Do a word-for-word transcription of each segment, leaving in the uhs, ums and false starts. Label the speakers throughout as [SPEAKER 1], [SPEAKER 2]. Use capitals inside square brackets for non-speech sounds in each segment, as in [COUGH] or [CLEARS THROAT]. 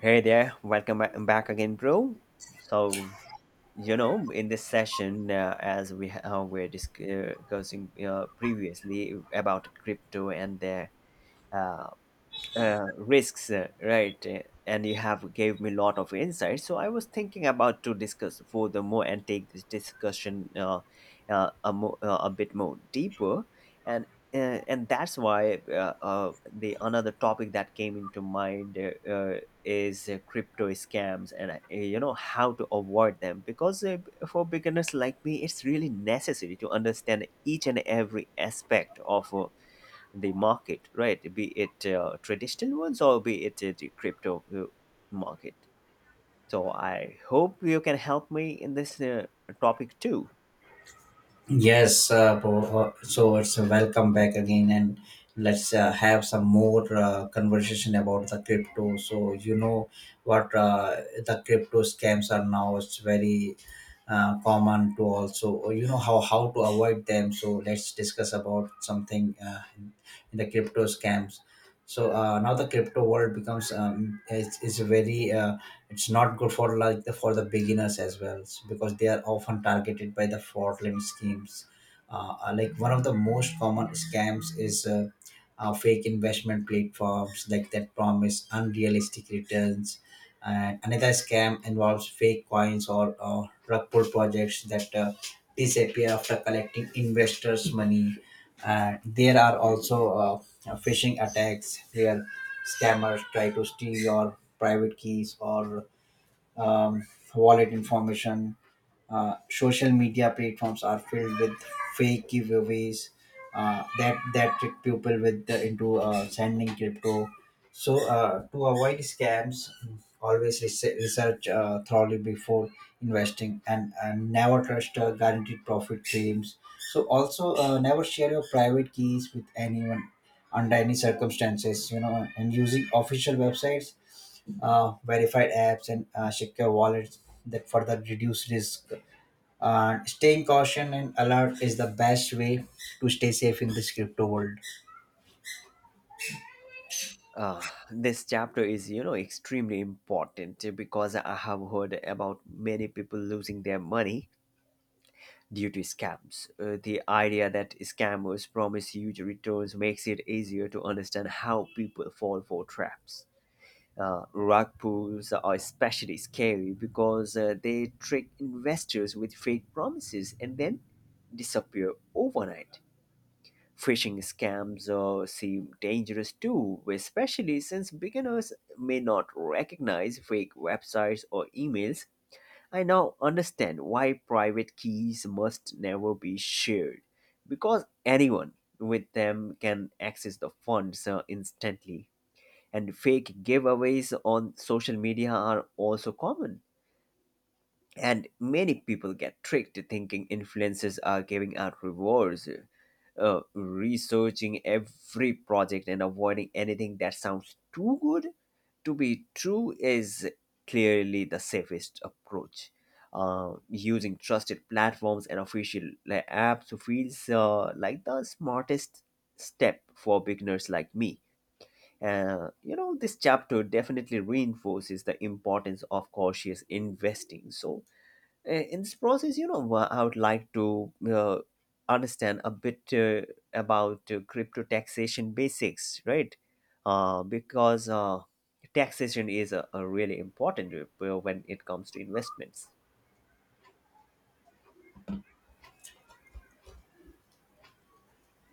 [SPEAKER 1] Hey there, welcome ba- back again, bro. So, you know, in this session, uh, as we uh, were discussing uh, previously about crypto and their uh, uh, risks, uh, right? Uh, And you have gave me a lot of insight. So I was thinking about to discuss furthermore and take this discussion uh, uh, a, mo- uh, a bit more deeper, and uh, and that's why uh, uh, the another topic that came into mind uh, uh, is uh, crypto scams and uh, you know how to avoid them because uh, for beginners like me, it's really necessary to understand each and every aspect of. Uh, the market, right? Be it uh, traditional ones or be it uh, the crypto uh, market. So I hope you can help me in this uh, topic too.
[SPEAKER 2] Yes, uh, bo- uh, so it's a welcome back again, and let's uh, have some more uh, conversation about the crypto. So you know what uh, the crypto scams are now. It's very uh, common to also you know how how to avoid them. So let's discuss about something uh, in the crypto scams. So uh, now the crypto world becomes um, it's, it's very uh, it's not good for like the for the beginners as well, s- because they are often targeted by the fraudulent schemes. Uh, uh, like one of the most common scams is uh, uh, fake investment platforms like that promise unrealistic returns, and another scam involves fake coins or uh, rug pull projects that uh, disappear after collecting investors money. And there are also uh, phishing attacks where scammers try to steal your private keys or um, wallet information. Uh, social media platforms are filled with fake giveaways uh, that that trick people with the, into uh, sending crypto. So uh, to avoid scams, always rese- research uh, thoroughly before investing, and, and never trust uh, guaranteed profit claims. So also uh, never share your private keys with anyone under any circumstances. You know, and using official websites, uh, verified apps, and uh, secure wallets that further reduce risk. Uh, staying caution and alert is the best way to stay safe in this crypto world.
[SPEAKER 1] Uh, this chapter is, you know, extremely important because I have heard about many people losing their money due to scams. Uh, the idea that scammers promise huge returns makes it easier to understand how people fall for traps. Uh, rug pulls are especially scary because uh, they trick investors with fake promises and then disappear overnight. Phishing scams uh, seem dangerous too, especially since beginners may not recognize fake websites or emails. I now understand why private keys must never be shared because anyone with them can access the funds uh, instantly, and fake giveaways on social media are also common. And many people get tricked thinking influencers are giving out rewards. Uh, researching every project and avoiding anything that sounds too good to be true is clearly the safest approach. Uh, using trusted platforms and official, like, apps feels uh, like the smartest step for beginners like me. Uh, you know, this chapter definitely reinforces the importance of cautious investing. So, uh, in this process, you know, uh, I would like to uh, understand a bit uh, about uh, crypto taxation basics, right? Uh, because uh, taxation is a, a really important uh, when it comes to investments.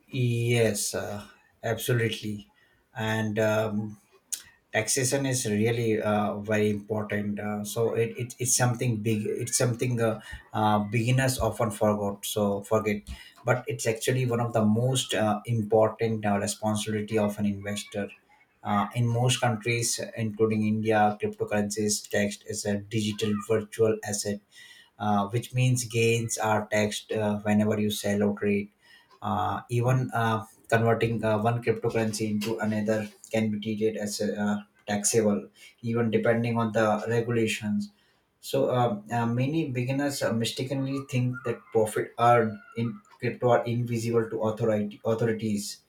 [SPEAKER 2] Yes, uh, absolutely. And um, taxation is really uh, very important, uh, so it, it, it's something big, it's something uh, uh, beginners often forgot so forget, but it's actually one of the most uh, important uh, responsibility of an investor. Uh, in most countries including India, cryptocurrencies taxed as a digital virtual asset, uh, which means gains are taxed uh, whenever you sell or trade. Uh, even uh, converting uh, one cryptocurrency into another can be treated as uh, taxable, even depending on the regulations. So um, uh, many beginners uh, mistakenly think that profit earned in crypto are invisible to authority authorities,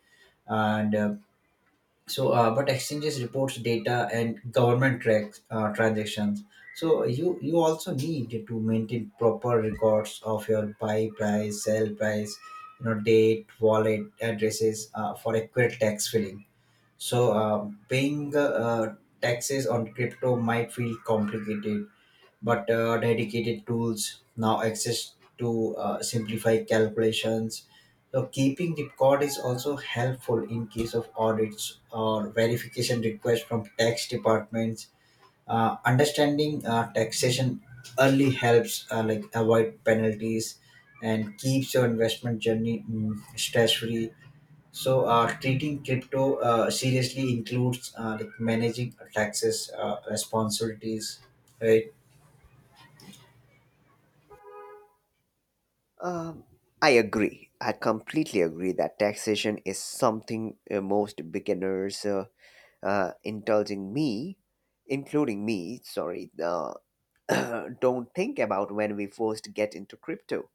[SPEAKER 2] and uh, so uh, but exchanges reports data and government tracks uh, transactions, so you you also need to maintain proper records of your buy price, sell price, you know, date, wallet addresses, uh, for accurate tax filling. So uh, paying uh, uh, taxes on crypto might feel complicated, but uh, dedicated tools now access to uh, simplify calculations. So, keeping record is also helpful in case of audits or verification requests from tax departments. Uh, understanding uh, taxation early helps uh, like avoid penalties and keeps your investment journey mm, stress free. So, uh, treating crypto uh, seriously includes uh, like managing taxes uh, responsibilities, right?
[SPEAKER 1] Um, I agree. I completely agree that taxation is something uh, most beginners uh, uh, indulging me, including me, sorry, uh, [COUGHS] [CLEARS THROAT] don't think about when we first get into crypto.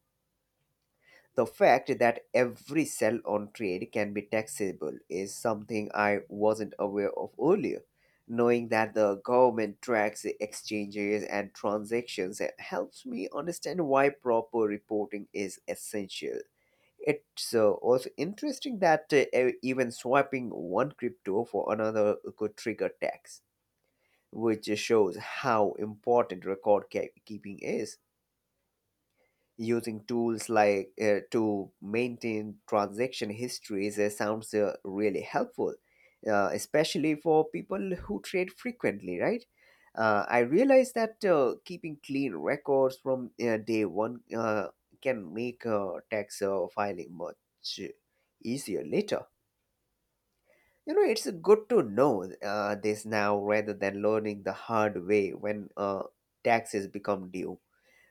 [SPEAKER 1] The fact that every sell on trade can be taxable is something I wasn't aware of earlier. Knowing that the government tracks the exchanges and transactions helps me understand why proper reporting is essential. It's uh, also interesting that uh, e- even swapping one crypto for another could trigger tax, which just shows how important record ke- keeping is. Using tools like uh, to maintain transaction histories uh, sounds uh, really helpful, uh, especially for people who trade frequently, right? Uh, I realize that uh, keeping clean records from uh, day one uh, can make uh, tax uh, filing much easier later. You know, it's good to know uh, this now rather than learning the hard way when uh, taxes become due.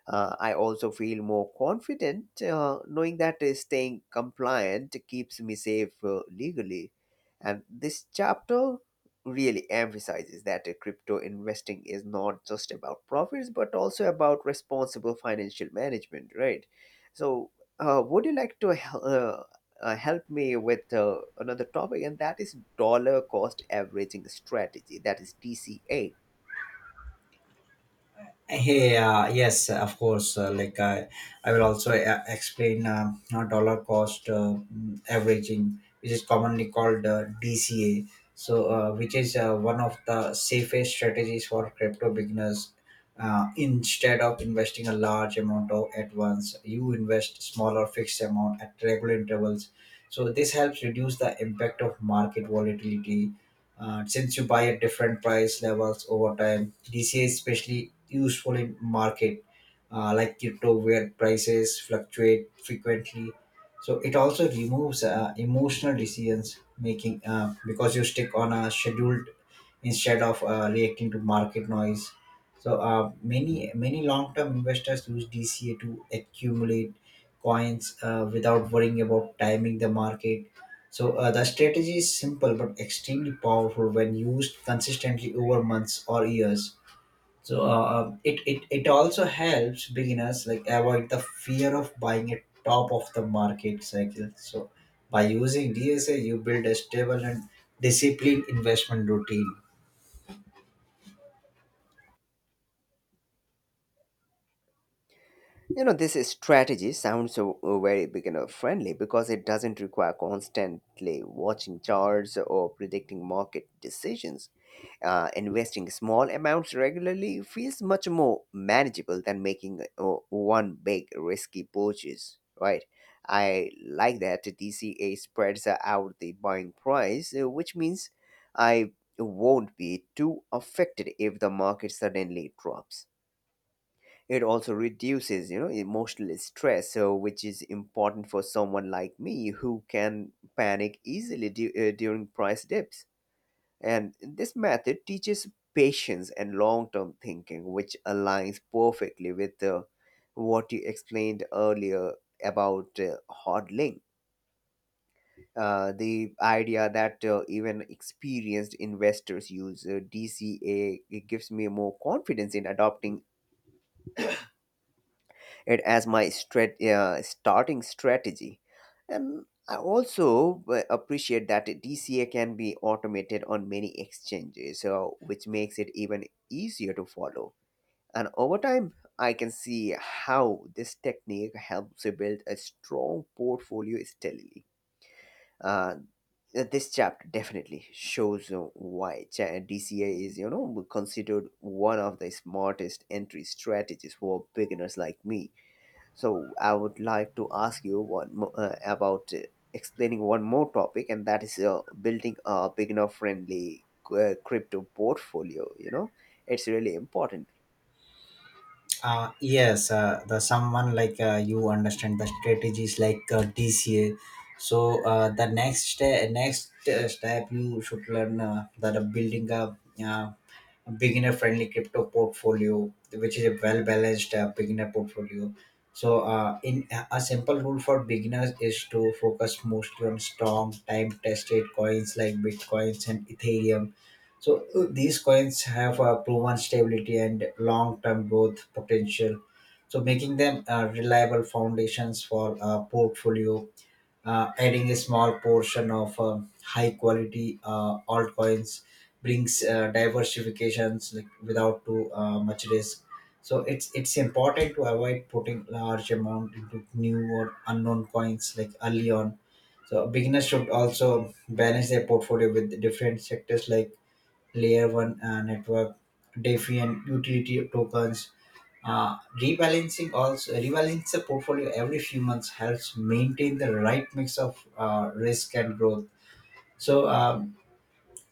[SPEAKER 1] Uh, I also feel more confident uh, knowing that uh, staying compliant keeps me safe uh, legally. And this chapter really emphasizes that uh, crypto investing is not just about profits but also about responsible financial management, right? So, uh, would you like to hel- uh, uh, help me with uh, another topic? And that is dollar cost averaging strategy, that is D C A.
[SPEAKER 2] Hey, uh, yes, of course. Uh, like I, I will also uh, explain uh, uh, dollar cost uh, mm, averaging, which is commonly called uh, D C A. So, uh, which is uh, one of the safest strategies for crypto beginners. Uh, instead of investing a large amount of at once, you invest smaller fixed amount at regular intervals. So this helps reduce the impact of market volatility. Uh, since you buy at different price levels over time, D C A is especially useful in market uh, like crypto where prices fluctuate frequently. So it also removes uh, emotional decisions making uh, because you stick on a scheduled instead of uh, reacting to market noise. So uh, many many long term investors use D C A to accumulate coins uh, without worrying about timing the market. So uh, the strategy is simple but extremely powerful when used consistently over months or years. So uh, uh, it, it it also helps beginners like avoid the fear of buying at top of the market cycle. So by using D S A, you build a stable and disciplined investment routine.
[SPEAKER 1] You know, this strategy sounds so uh, very beginner friendly because it doesn't require constantly watching charts or predicting market decisions. Uh, investing small amounts regularly feels much more manageable than making uh, one big risky purchase, right? I like that D C A spreads out the buying price, uh, which means I won't be too affected if the market suddenly drops. It also reduces, you know, emotional stress, so which is important for someone like me who can panic easily du- uh, during price dips. And this method teaches patience and long-term thinking, which aligns perfectly with uh, what you explained earlier about uh, hodling. Uh, the idea that uh, even experienced investors use uh, D C A, it gives me more confidence in adopting it as my strat- uh, starting strategy. And I also uh, appreciate that D C A can be automated on many exchanges, so which makes it even easier to follow. And over time, I can see how this technique helps you build a strong portfolio steadily. Uh, this chapter definitely shows uh, why cha- D C A is, you know, considered one of the smartest entry strategies for beginners like me. So I would like to ask you one mo- uh, about uh, explaining one more topic, and that is uh, building a beginner-friendly uh, crypto portfolio. You know, it's really important.
[SPEAKER 2] Uh, yes, uh, the someone like uh, you understand the strategies like uh, DCA. So uh, the next step next uh, step you should learn uh, that uh, building a uh, beginner friendly crypto portfolio, which is a well balanced uh, beginner portfolio. So uh, in a a simple rule for beginners is to focus mostly on strong time tested coins like bitcoins and ethereum. So uh, these coins have a proven stability and long-term growth potential, so making them uh, reliable foundations for a portfolio. Uh, adding a small portion of um, high-quality uh, altcoins brings uh, diversifications like, without too uh, much risk. So it's it's important to avoid putting large amount into new or unknown coins like early on. So beginners should also balance their portfolio with different sectors like layer one uh, network, Defiant utility tokens. Uh, rebalancing also Rebalance the portfolio every few months helps maintain the right mix of uh, risk and growth. So um,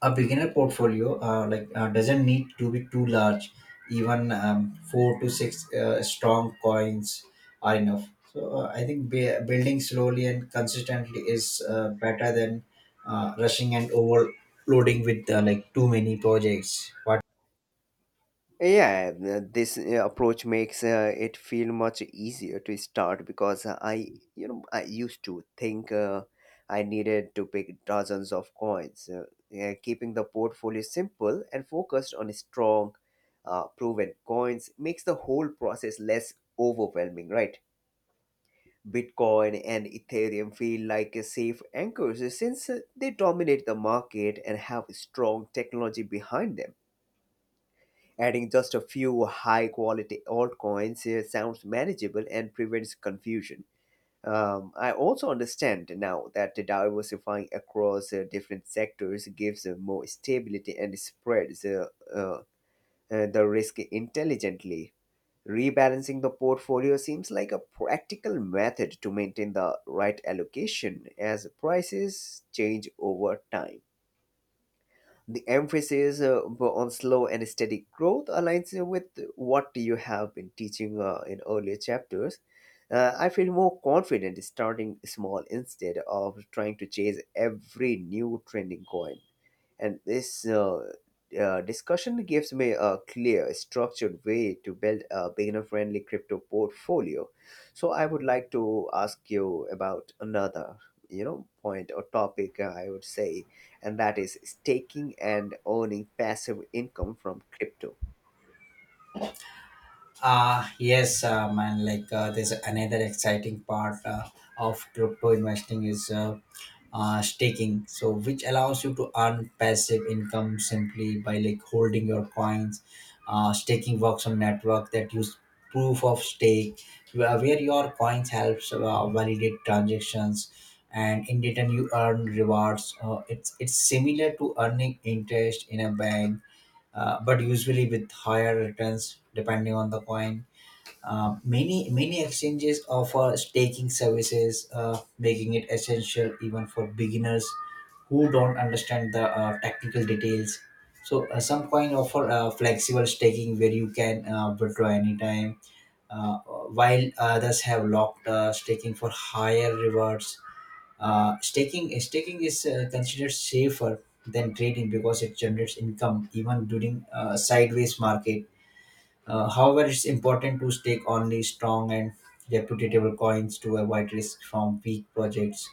[SPEAKER 2] a beginner portfolio uh, like uh, doesn't need to be too large. Even um, four to six uh, strong coins are enough. So uh, I think b- building slowly and consistently is uh, better than uh, rushing and overloading with uh, like too many projects. What?
[SPEAKER 1] Yeah, uh, this uh, approach makes uh, it feel much easier to start because uh, I, you know, I used to think uh, I needed to pick dozens of coins. Uh, yeah, keeping the portfolio simple and focused on strong, uh, proven coins makes the whole process less overwhelming, right? Bitcoin and Ethereum feel like a safe anchors since uh, they dominate the market and have strong technology behind them. Adding just a few high quality altcoins uh, sounds manageable and prevents confusion. Um, I also understand now that diversifying across uh, different sectors gives uh, more stability and spreads uh, uh, uh, the risk intelligently. Rebalancing the portfolio seems like a practical method to maintain the right allocation as prices change over time. The emphasis uh, on slow and steady growth aligns uh, with what you have been teaching uh, in earlier chapters. Uh, I feel more confident starting small instead of trying to chase every new trending coin. And this uh, uh, discussion gives me a clear, structured way to build a beginner friendly crypto portfolio. So I would like to ask you about another, you know point or topic, uh, I would say, and that is staking and earning passive income from crypto.
[SPEAKER 2] Uh, yes, uh, man. Like uh, there's another exciting part uh, of crypto investing is uh, uh, staking, so which allows you to earn passive income simply by like holding your coins. Uh, staking works on network that use proof of stake, where where your coins helps uh, validate transactions, and in return you earn rewards. Uh, it's it's similar to earning interest in a bank, uh, but usually with higher returns depending on the coin. Uh, many many exchanges offer staking services, uh, making it essential even for beginners who don't understand the uh, technical details. So uh, some coin offer uh, flexible staking where you can uh, withdraw anytime, uh, while others have locked uh, staking for higher rewards. Uh, staking staking is uh, considered safer than trading because it generates income even during a sideways market. Uh, however, it's important to stake only strong and reputable coins to avoid risk from weak projects.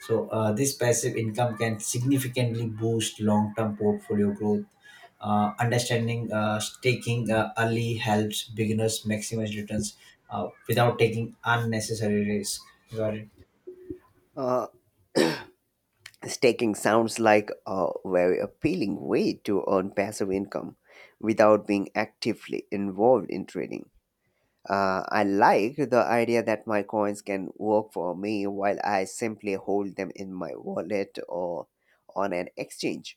[SPEAKER 2] So uh, this passive income can significantly boost long-term portfolio growth. Uh, understanding uh, staking uh, early helps beginners maximize returns uh, without taking unnecessary risk. Got it?
[SPEAKER 1] uh, Staking sounds like a very appealing way to earn passive income without being actively involved in trading. Uh, I like the idea that my coins can work for me while I simply hold them in my wallet or on an exchange.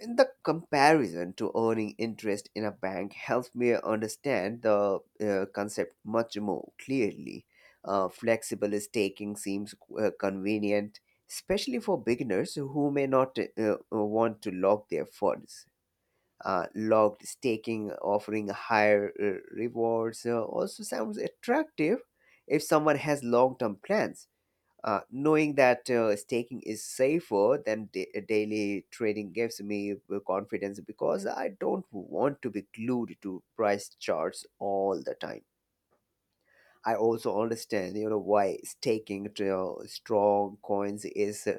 [SPEAKER 1] In the comparison to earning interest in a bank helps me understand the uh, concept much more clearly. Uh, flexible staking seems uh, convenient, especially for beginners who may not uh, uh, want to lock their funds. Uh, logged staking offering higher uh, rewards uh, also sounds attractive if someone has long-term plans. Uh, knowing that uh, staking is safer than da- uh, daily trading gives me uh, confidence because I don't want to be glued to price charts all the time. I also understand, you know, why staking to uh, strong coins is uh,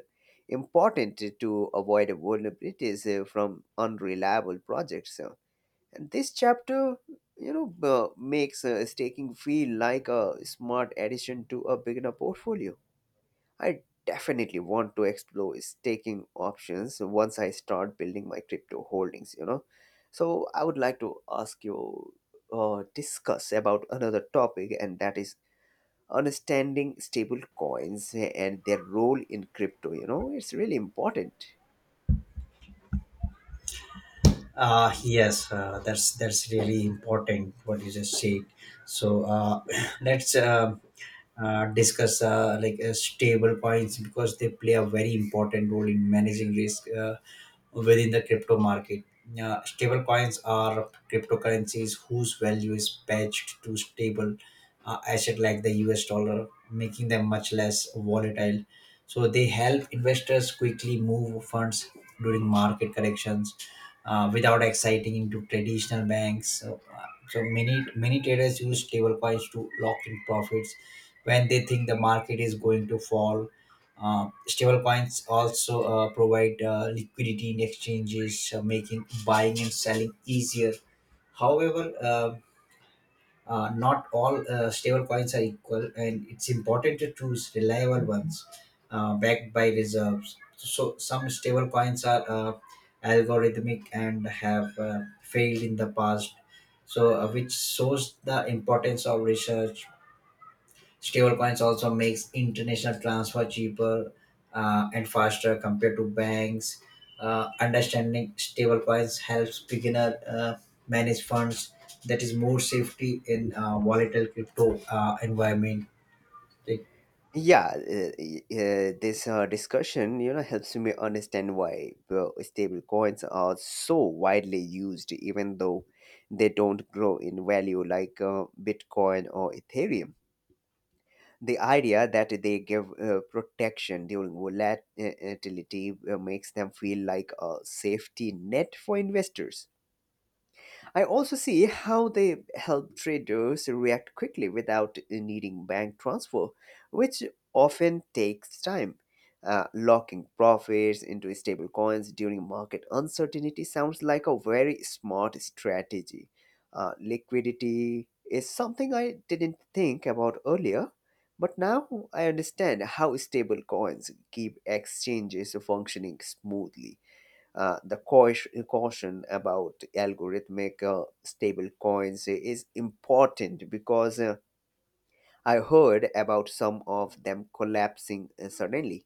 [SPEAKER 1] important to avoid vulnerabilities uh, from unreliable projects. So, and this chapter, you know, uh, makes uh, staking feel like a smart addition to a beginner portfolio. I definitely want to explore staking options once I start building my crypto holdings, you know. So I would like to ask you uh, discuss about another topic, and that is understanding stable coins and their role in crypto, you know. It's really important.
[SPEAKER 2] Uh, yes, uh, that's that's really important what you just said. So uh, [CLEARS THROAT] let's uh, uh, discuss uh, like uh, stable coins because they play a very important role in managing risk uh, within the crypto market. Uh, stable coins are cryptocurrencies whose value is pegged to stable uh, asset like the U S dollar, making them much less volatile. So they help investors quickly move funds during market corrections uh, without exciting into traditional banks. So, uh, so many many traders use stablecoins to lock in profits when they think the market is going to fall. Uh, stablecoins also uh, provide uh, liquidity in exchanges, uh, making buying and selling easier. However, uh, uh, not all uh, stable coins are equal, and it's important to choose reliable ones uh, backed by reserves. So, some stable coins are uh, algorithmic and have uh, failed in the past, so uh, which shows the importance of research. Stablecoins also makes international transfer cheaper uh, and faster compared to banks. Uh, understanding stablecoins helps beginner uh, manage funds. That is more safety in uh, volatile crypto uh, environment. It-
[SPEAKER 1] Yeah, uh, y- uh, this uh, discussion, you know, helps me understand why uh, stable coins are so widely used, even though they don't grow in value like uh, Bitcoin or Ethereum. The idea that they give uh, protection during volatility uh, makes them feel like a safety net for investors. I also see how they help traders react quickly without needing bank transfer, which often takes time. Uh, locking profits into stable coins during market uncertainty sounds like a very smart strategy. Uh, liquidity is something I didn't think about earlier, but now I understand how stable coins keep exchanges functioning smoothly. Uh, the cau- caution about algorithmic uh, stable coins is important because uh, I heard about some of them collapsing uh, suddenly.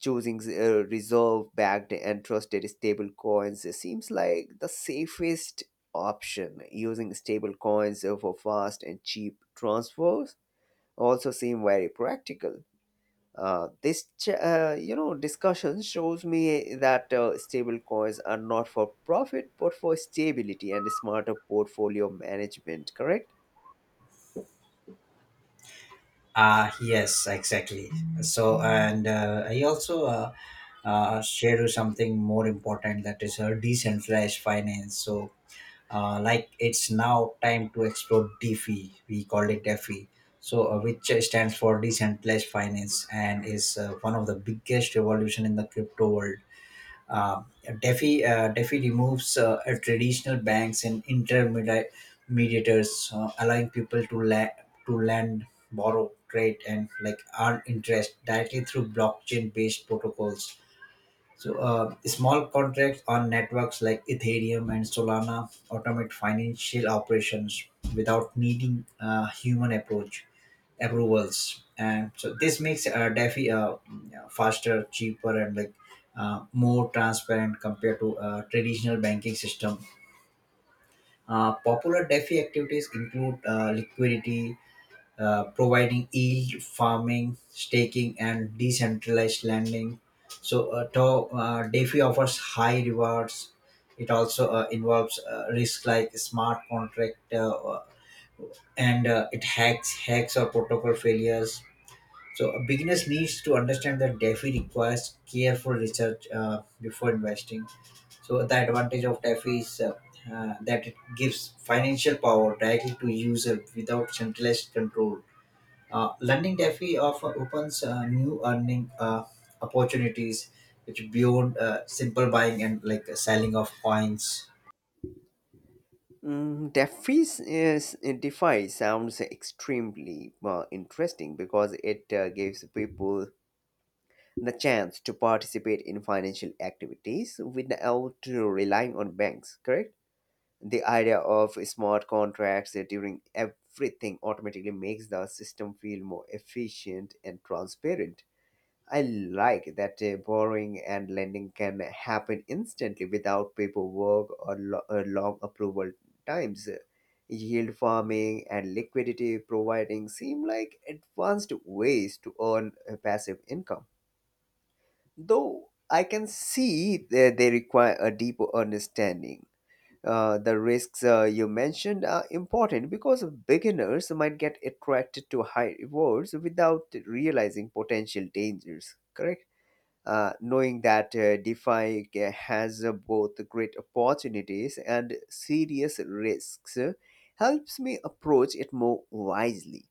[SPEAKER 1] Choosing uh, reserve backed and trusted stable coins seems like the safest option. Using stable coins uh, for fast and cheap transfers also seem very practical. Uh, this ch- uh, you know discussion shows me that uh, stable coins are not for profit but for stability and smarter portfolio management, correct?
[SPEAKER 2] Ah, yes, exactly. So, and uh, I also uh, uh, share you something more important, that is uh, decentralized finance. So, uh, like it's now time to explore DeFi. We call it DeFi, so uh, which stands for decentralized finance and is uh, one of the biggest revolution in the crypto world. Uh, DeFi uh, DeFi removes uh, uh, traditional banks and intermediators, uh, allowing people to la- to lend, borrow, trade, and like earn interest directly through blockchain-based protocols. So, uh, small contracts on networks like Ethereum and Solana automate financial operations without needing uh, human approach approvals, and so this makes uh, DeFi uh, faster, cheaper, and like uh, more transparent compared to uh, traditional banking system. Uh, popular DeFi activities include uh, liquidity uh, providing, yield farming, staking, and decentralized lending. So, uh, to, uh, DeFi offers high rewards. It also uh, involves uh, risk like smart contract uh, and uh, it hacks, hacks or protocol failures. So, a beginner needs to understand that DeFi requires careful research uh, before investing. So, the advantage of DeFi is uh, uh, that it gives financial power directly to user without centralized control. uh, London defi offer opens uh, new earning uh, opportunities, which beyond uh, simple buying and like selling of coins.
[SPEAKER 1] mm, defi is, DeFi sounds extremely uh, interesting because it uh, gives people the chance to participate in financial activities without relying on banks, correct? The idea of smart contracts uh, during everything automatically makes the system feel more efficient and transparent. I like that uh, borrowing and lending can happen instantly without paperwork or lo- uh, long approval times. Yield farming and liquidity providing seem like advanced ways to earn uh, passive income, though I can see that they require a deeper understanding. Uh, the risks uh, you mentioned are important because beginners might get attracted to high rewards without realizing potential dangers, correct? Uh, knowing that uh, DeFi ca- has uh, both great opportunities and serious risks uh, helps me approach it more wisely.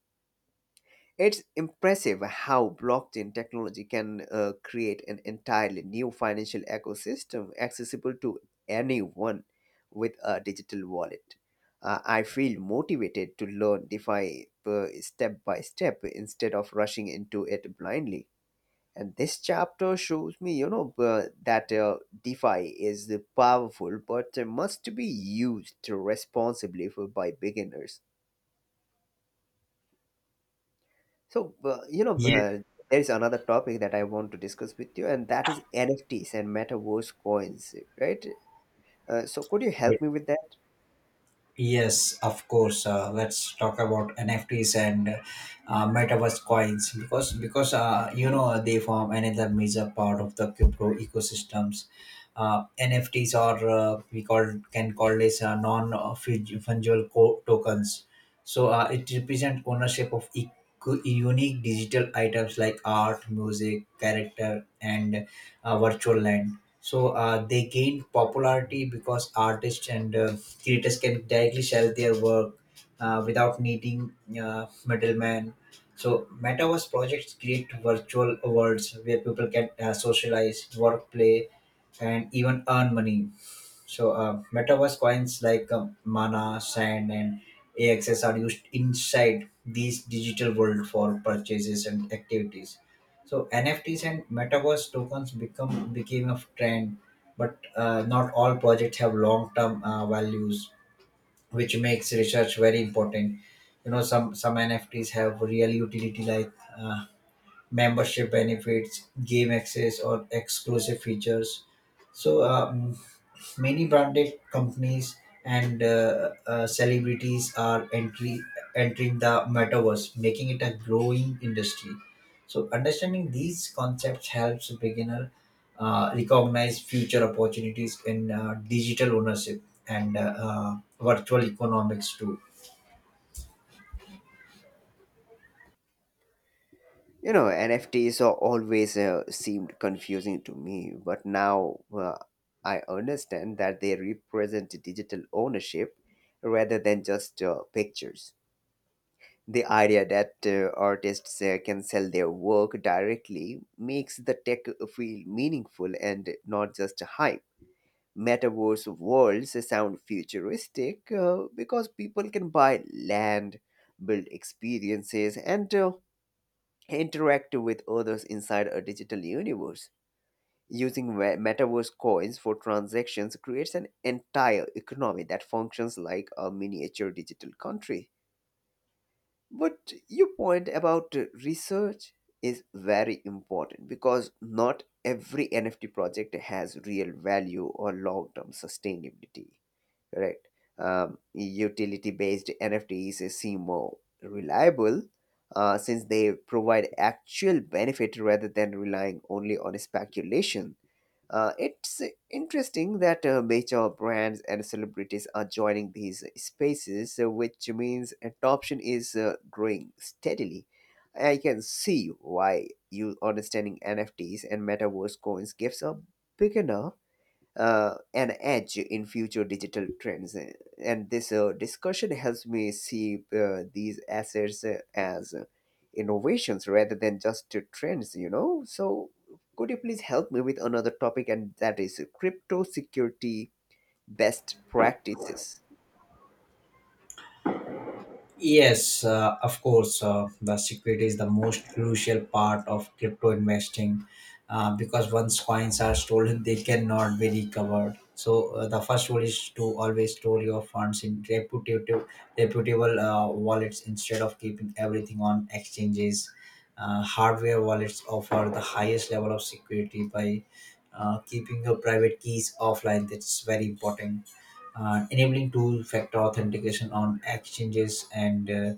[SPEAKER 1] It's impressive how blockchain technology can uh, create an entirely new financial ecosystem accessible to anyone with a digital wallet. Uh, I feel motivated to learn DeFi uh, step by step instead of rushing into it blindly. And this chapter shows me, you know, uh, that uh, DeFi is powerful but must be used responsibly for, by beginners. So, uh, you know,
[SPEAKER 2] Yes,
[SPEAKER 1] uh, there is another topic that I want to discuss with you, and that is N F Ts and metaverse coins, right? Uh, so, could you help
[SPEAKER 2] yes.
[SPEAKER 1] me with that?
[SPEAKER 2] Yes, of course. Uh, let's talk about N F Ts and uh, metaverse coins because because uh, you know they form another major part of the crypto ecosystems. Uh, N F Ts are, uh, we call can call this, uh, non fungible co- tokens. So uh, it represents ownership of e- unique digital items like art, music, character, and uh, virtual land. So uh, they gained popularity because artists and uh, creators can directly sell their work uh, without needing uh, middlemen. So, metaverse projects create virtual worlds where people can uh, socialize, work, play, and even earn money. So, uh, metaverse coins like um, Mana, Sand, and A X S are used inside these digital world for purchases and activities. So, N F Ts and metaverse tokens become became a trend, but uh, not all projects have long-term uh, values, which makes research very important. You know, some some NFTs have real utility like uh, membership benefits, game access, or exclusive features. so um, Many branded companies and uh, uh, celebrities are entry, entering the metaverse, making it a growing industry. So understanding these concepts helps beginner uh, recognize future opportunities in uh, digital ownership and uh, uh, virtual economics too.
[SPEAKER 1] You know, N F Ts are always uh, seemed confusing to me, but now uh, I understand that they represent digital ownership rather than just uh, pictures. The idea that uh, artists uh, can sell their work directly makes the tech feel meaningful and not just hype. Metaverse worlds sound futuristic uh, because people can buy land, build experiences, and uh, interact with others inside a digital universe. Using we- metaverse coins for transactions creates an entire economy that functions like a miniature digital country. But your point about uh, research is very important because not every N F T project has real value or long term sustainability, right? Um, utility-based N F Ts seem more reliable uh, since they provide actual benefit rather than relying only on speculation. Uh, it's interesting that uh, major brands and celebrities are joining these spaces, uh, which means adoption is uh, growing steadily. I can see why you understanding N F Ts and metaverse coins gives a beginner uh, an edge in future digital trends. Uh, And this uh, discussion helps me see uh, these assets uh, as uh, innovations rather than just uh, trends, you know. So, could you please help me with another topic, and that is uh, crypto security best practices?
[SPEAKER 2] Yes, uh, of course. Uh, the secret is the most crucial part of crypto investing uh, because once coins are stolen, they cannot be recovered. So uh, the first rule is to always store your funds in reputable, reputable uh, wallets instead of keeping everything on exchanges. Uh, hardware wallets offer the highest level of security by uh, keeping your private keys offline. That's very important. Uh, enabling two-factor authentication on exchanges and uh,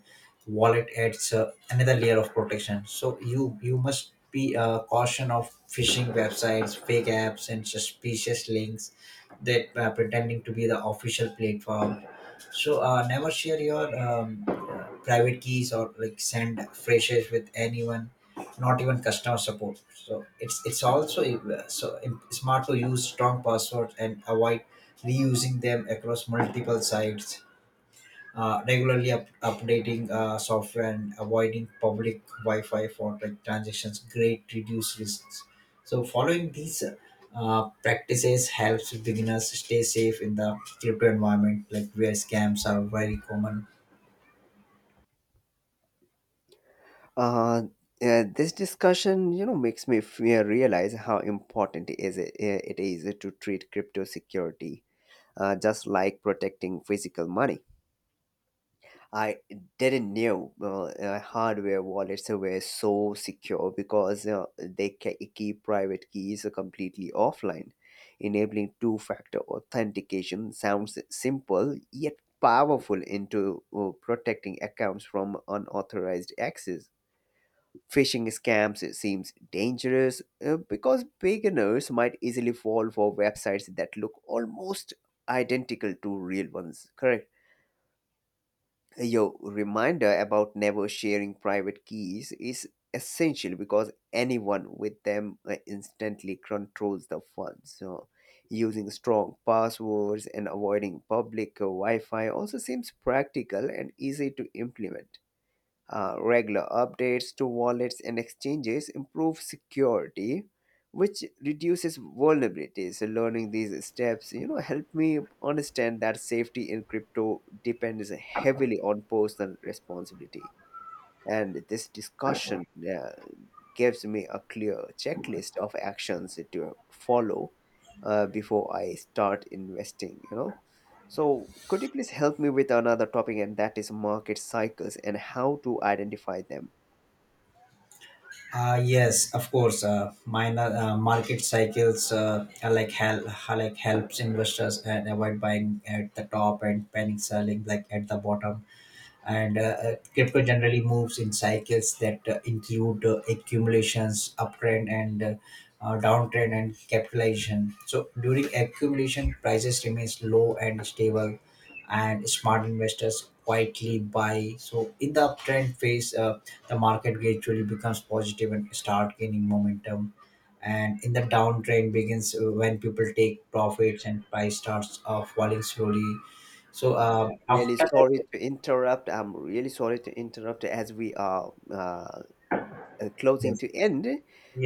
[SPEAKER 2] wallet adds uh, another layer of protection. So you you must be uh, caution of phishing websites, fake apps, and suspicious links that uh, pretending to be the official platform. So uh, never share your um, uh, private keys or like send flashes with anyone, not even customer support. So it's it's also uh, so im- smart to use strong passwords and avoid reusing them across multiple sites. Uh, regularly up- updating uh, software and avoiding public Wi-Fi for like transactions. Great reduce risks. So following these uh, practices helps beginners stay safe in the crypto environment, like where scams are very common.
[SPEAKER 1] Uh, uh, this discussion, you know, makes me fe- realize how important is it, it is to treat crypto security uh, just like protecting physical money. I didn't knew uh, uh, hardware wallets were so secure because uh, they ca- keep private keys completely offline, enabling two-factor authentication. Sounds simple yet powerful into uh, protecting accounts from unauthorized access. Phishing scams seems dangerous uh, because beginners might easily fall for websites that look almost identical to real ones, correct. Your reminder about never sharing private keys is essential because anyone with them uh, instantly controls the funds. So, using strong passwords and avoiding public uh, Wi Fi also seems practical and easy to implement. Uh, regular updates to wallets and exchanges improve security, which reduces vulnerabilities. So learning these steps, you know, help me understand that safety in crypto depends heavily on personal responsibility. And this discussion, yeah, gives me a clear checklist of actions to follow uh, before I start investing, you know. So, could you please help me with another topic, and that is market cycles and how to identify them?
[SPEAKER 2] Uh, yes, of course. Uh, minor uh, market cycles uh, are like help like helps investors and avoid buying at the top and panic selling like at the bottom. And uh, uh, Crypto generally moves in cycles that uh, include uh, accumulations, uptrend, and uh, uh, downtrend and capitalization. So during accumulation prices remains low and stable, and smart investors quietly buy. So in the uptrend phase, uh, the market gradually becomes positive and start gaining momentum, and in the downtrend begins uh, when people take profits and price starts uh, falling slowly. So
[SPEAKER 1] Uh,
[SPEAKER 2] uh, after
[SPEAKER 1] Really
[SPEAKER 2] that,
[SPEAKER 1] sorry to interrupt. I'm really sorry to interrupt as we are uh, uh, closing
[SPEAKER 2] yes.
[SPEAKER 1] to end.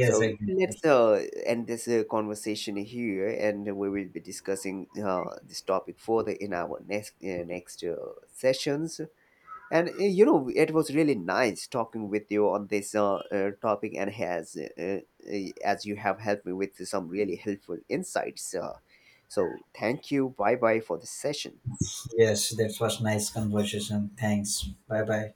[SPEAKER 1] So
[SPEAKER 2] exactly.
[SPEAKER 1] let's uh, end this uh, conversation here, and we will be discussing uh, this topic further in our next uh, next uh, sessions. And uh, you know, it was really nice talking with you on this uh, uh, topic, and has uh, uh, as you have helped me with some really helpful insights. Uh, so thank you. Bye bye for the session.
[SPEAKER 2] Yes, that was nice conversation. Thanks. Bye bye.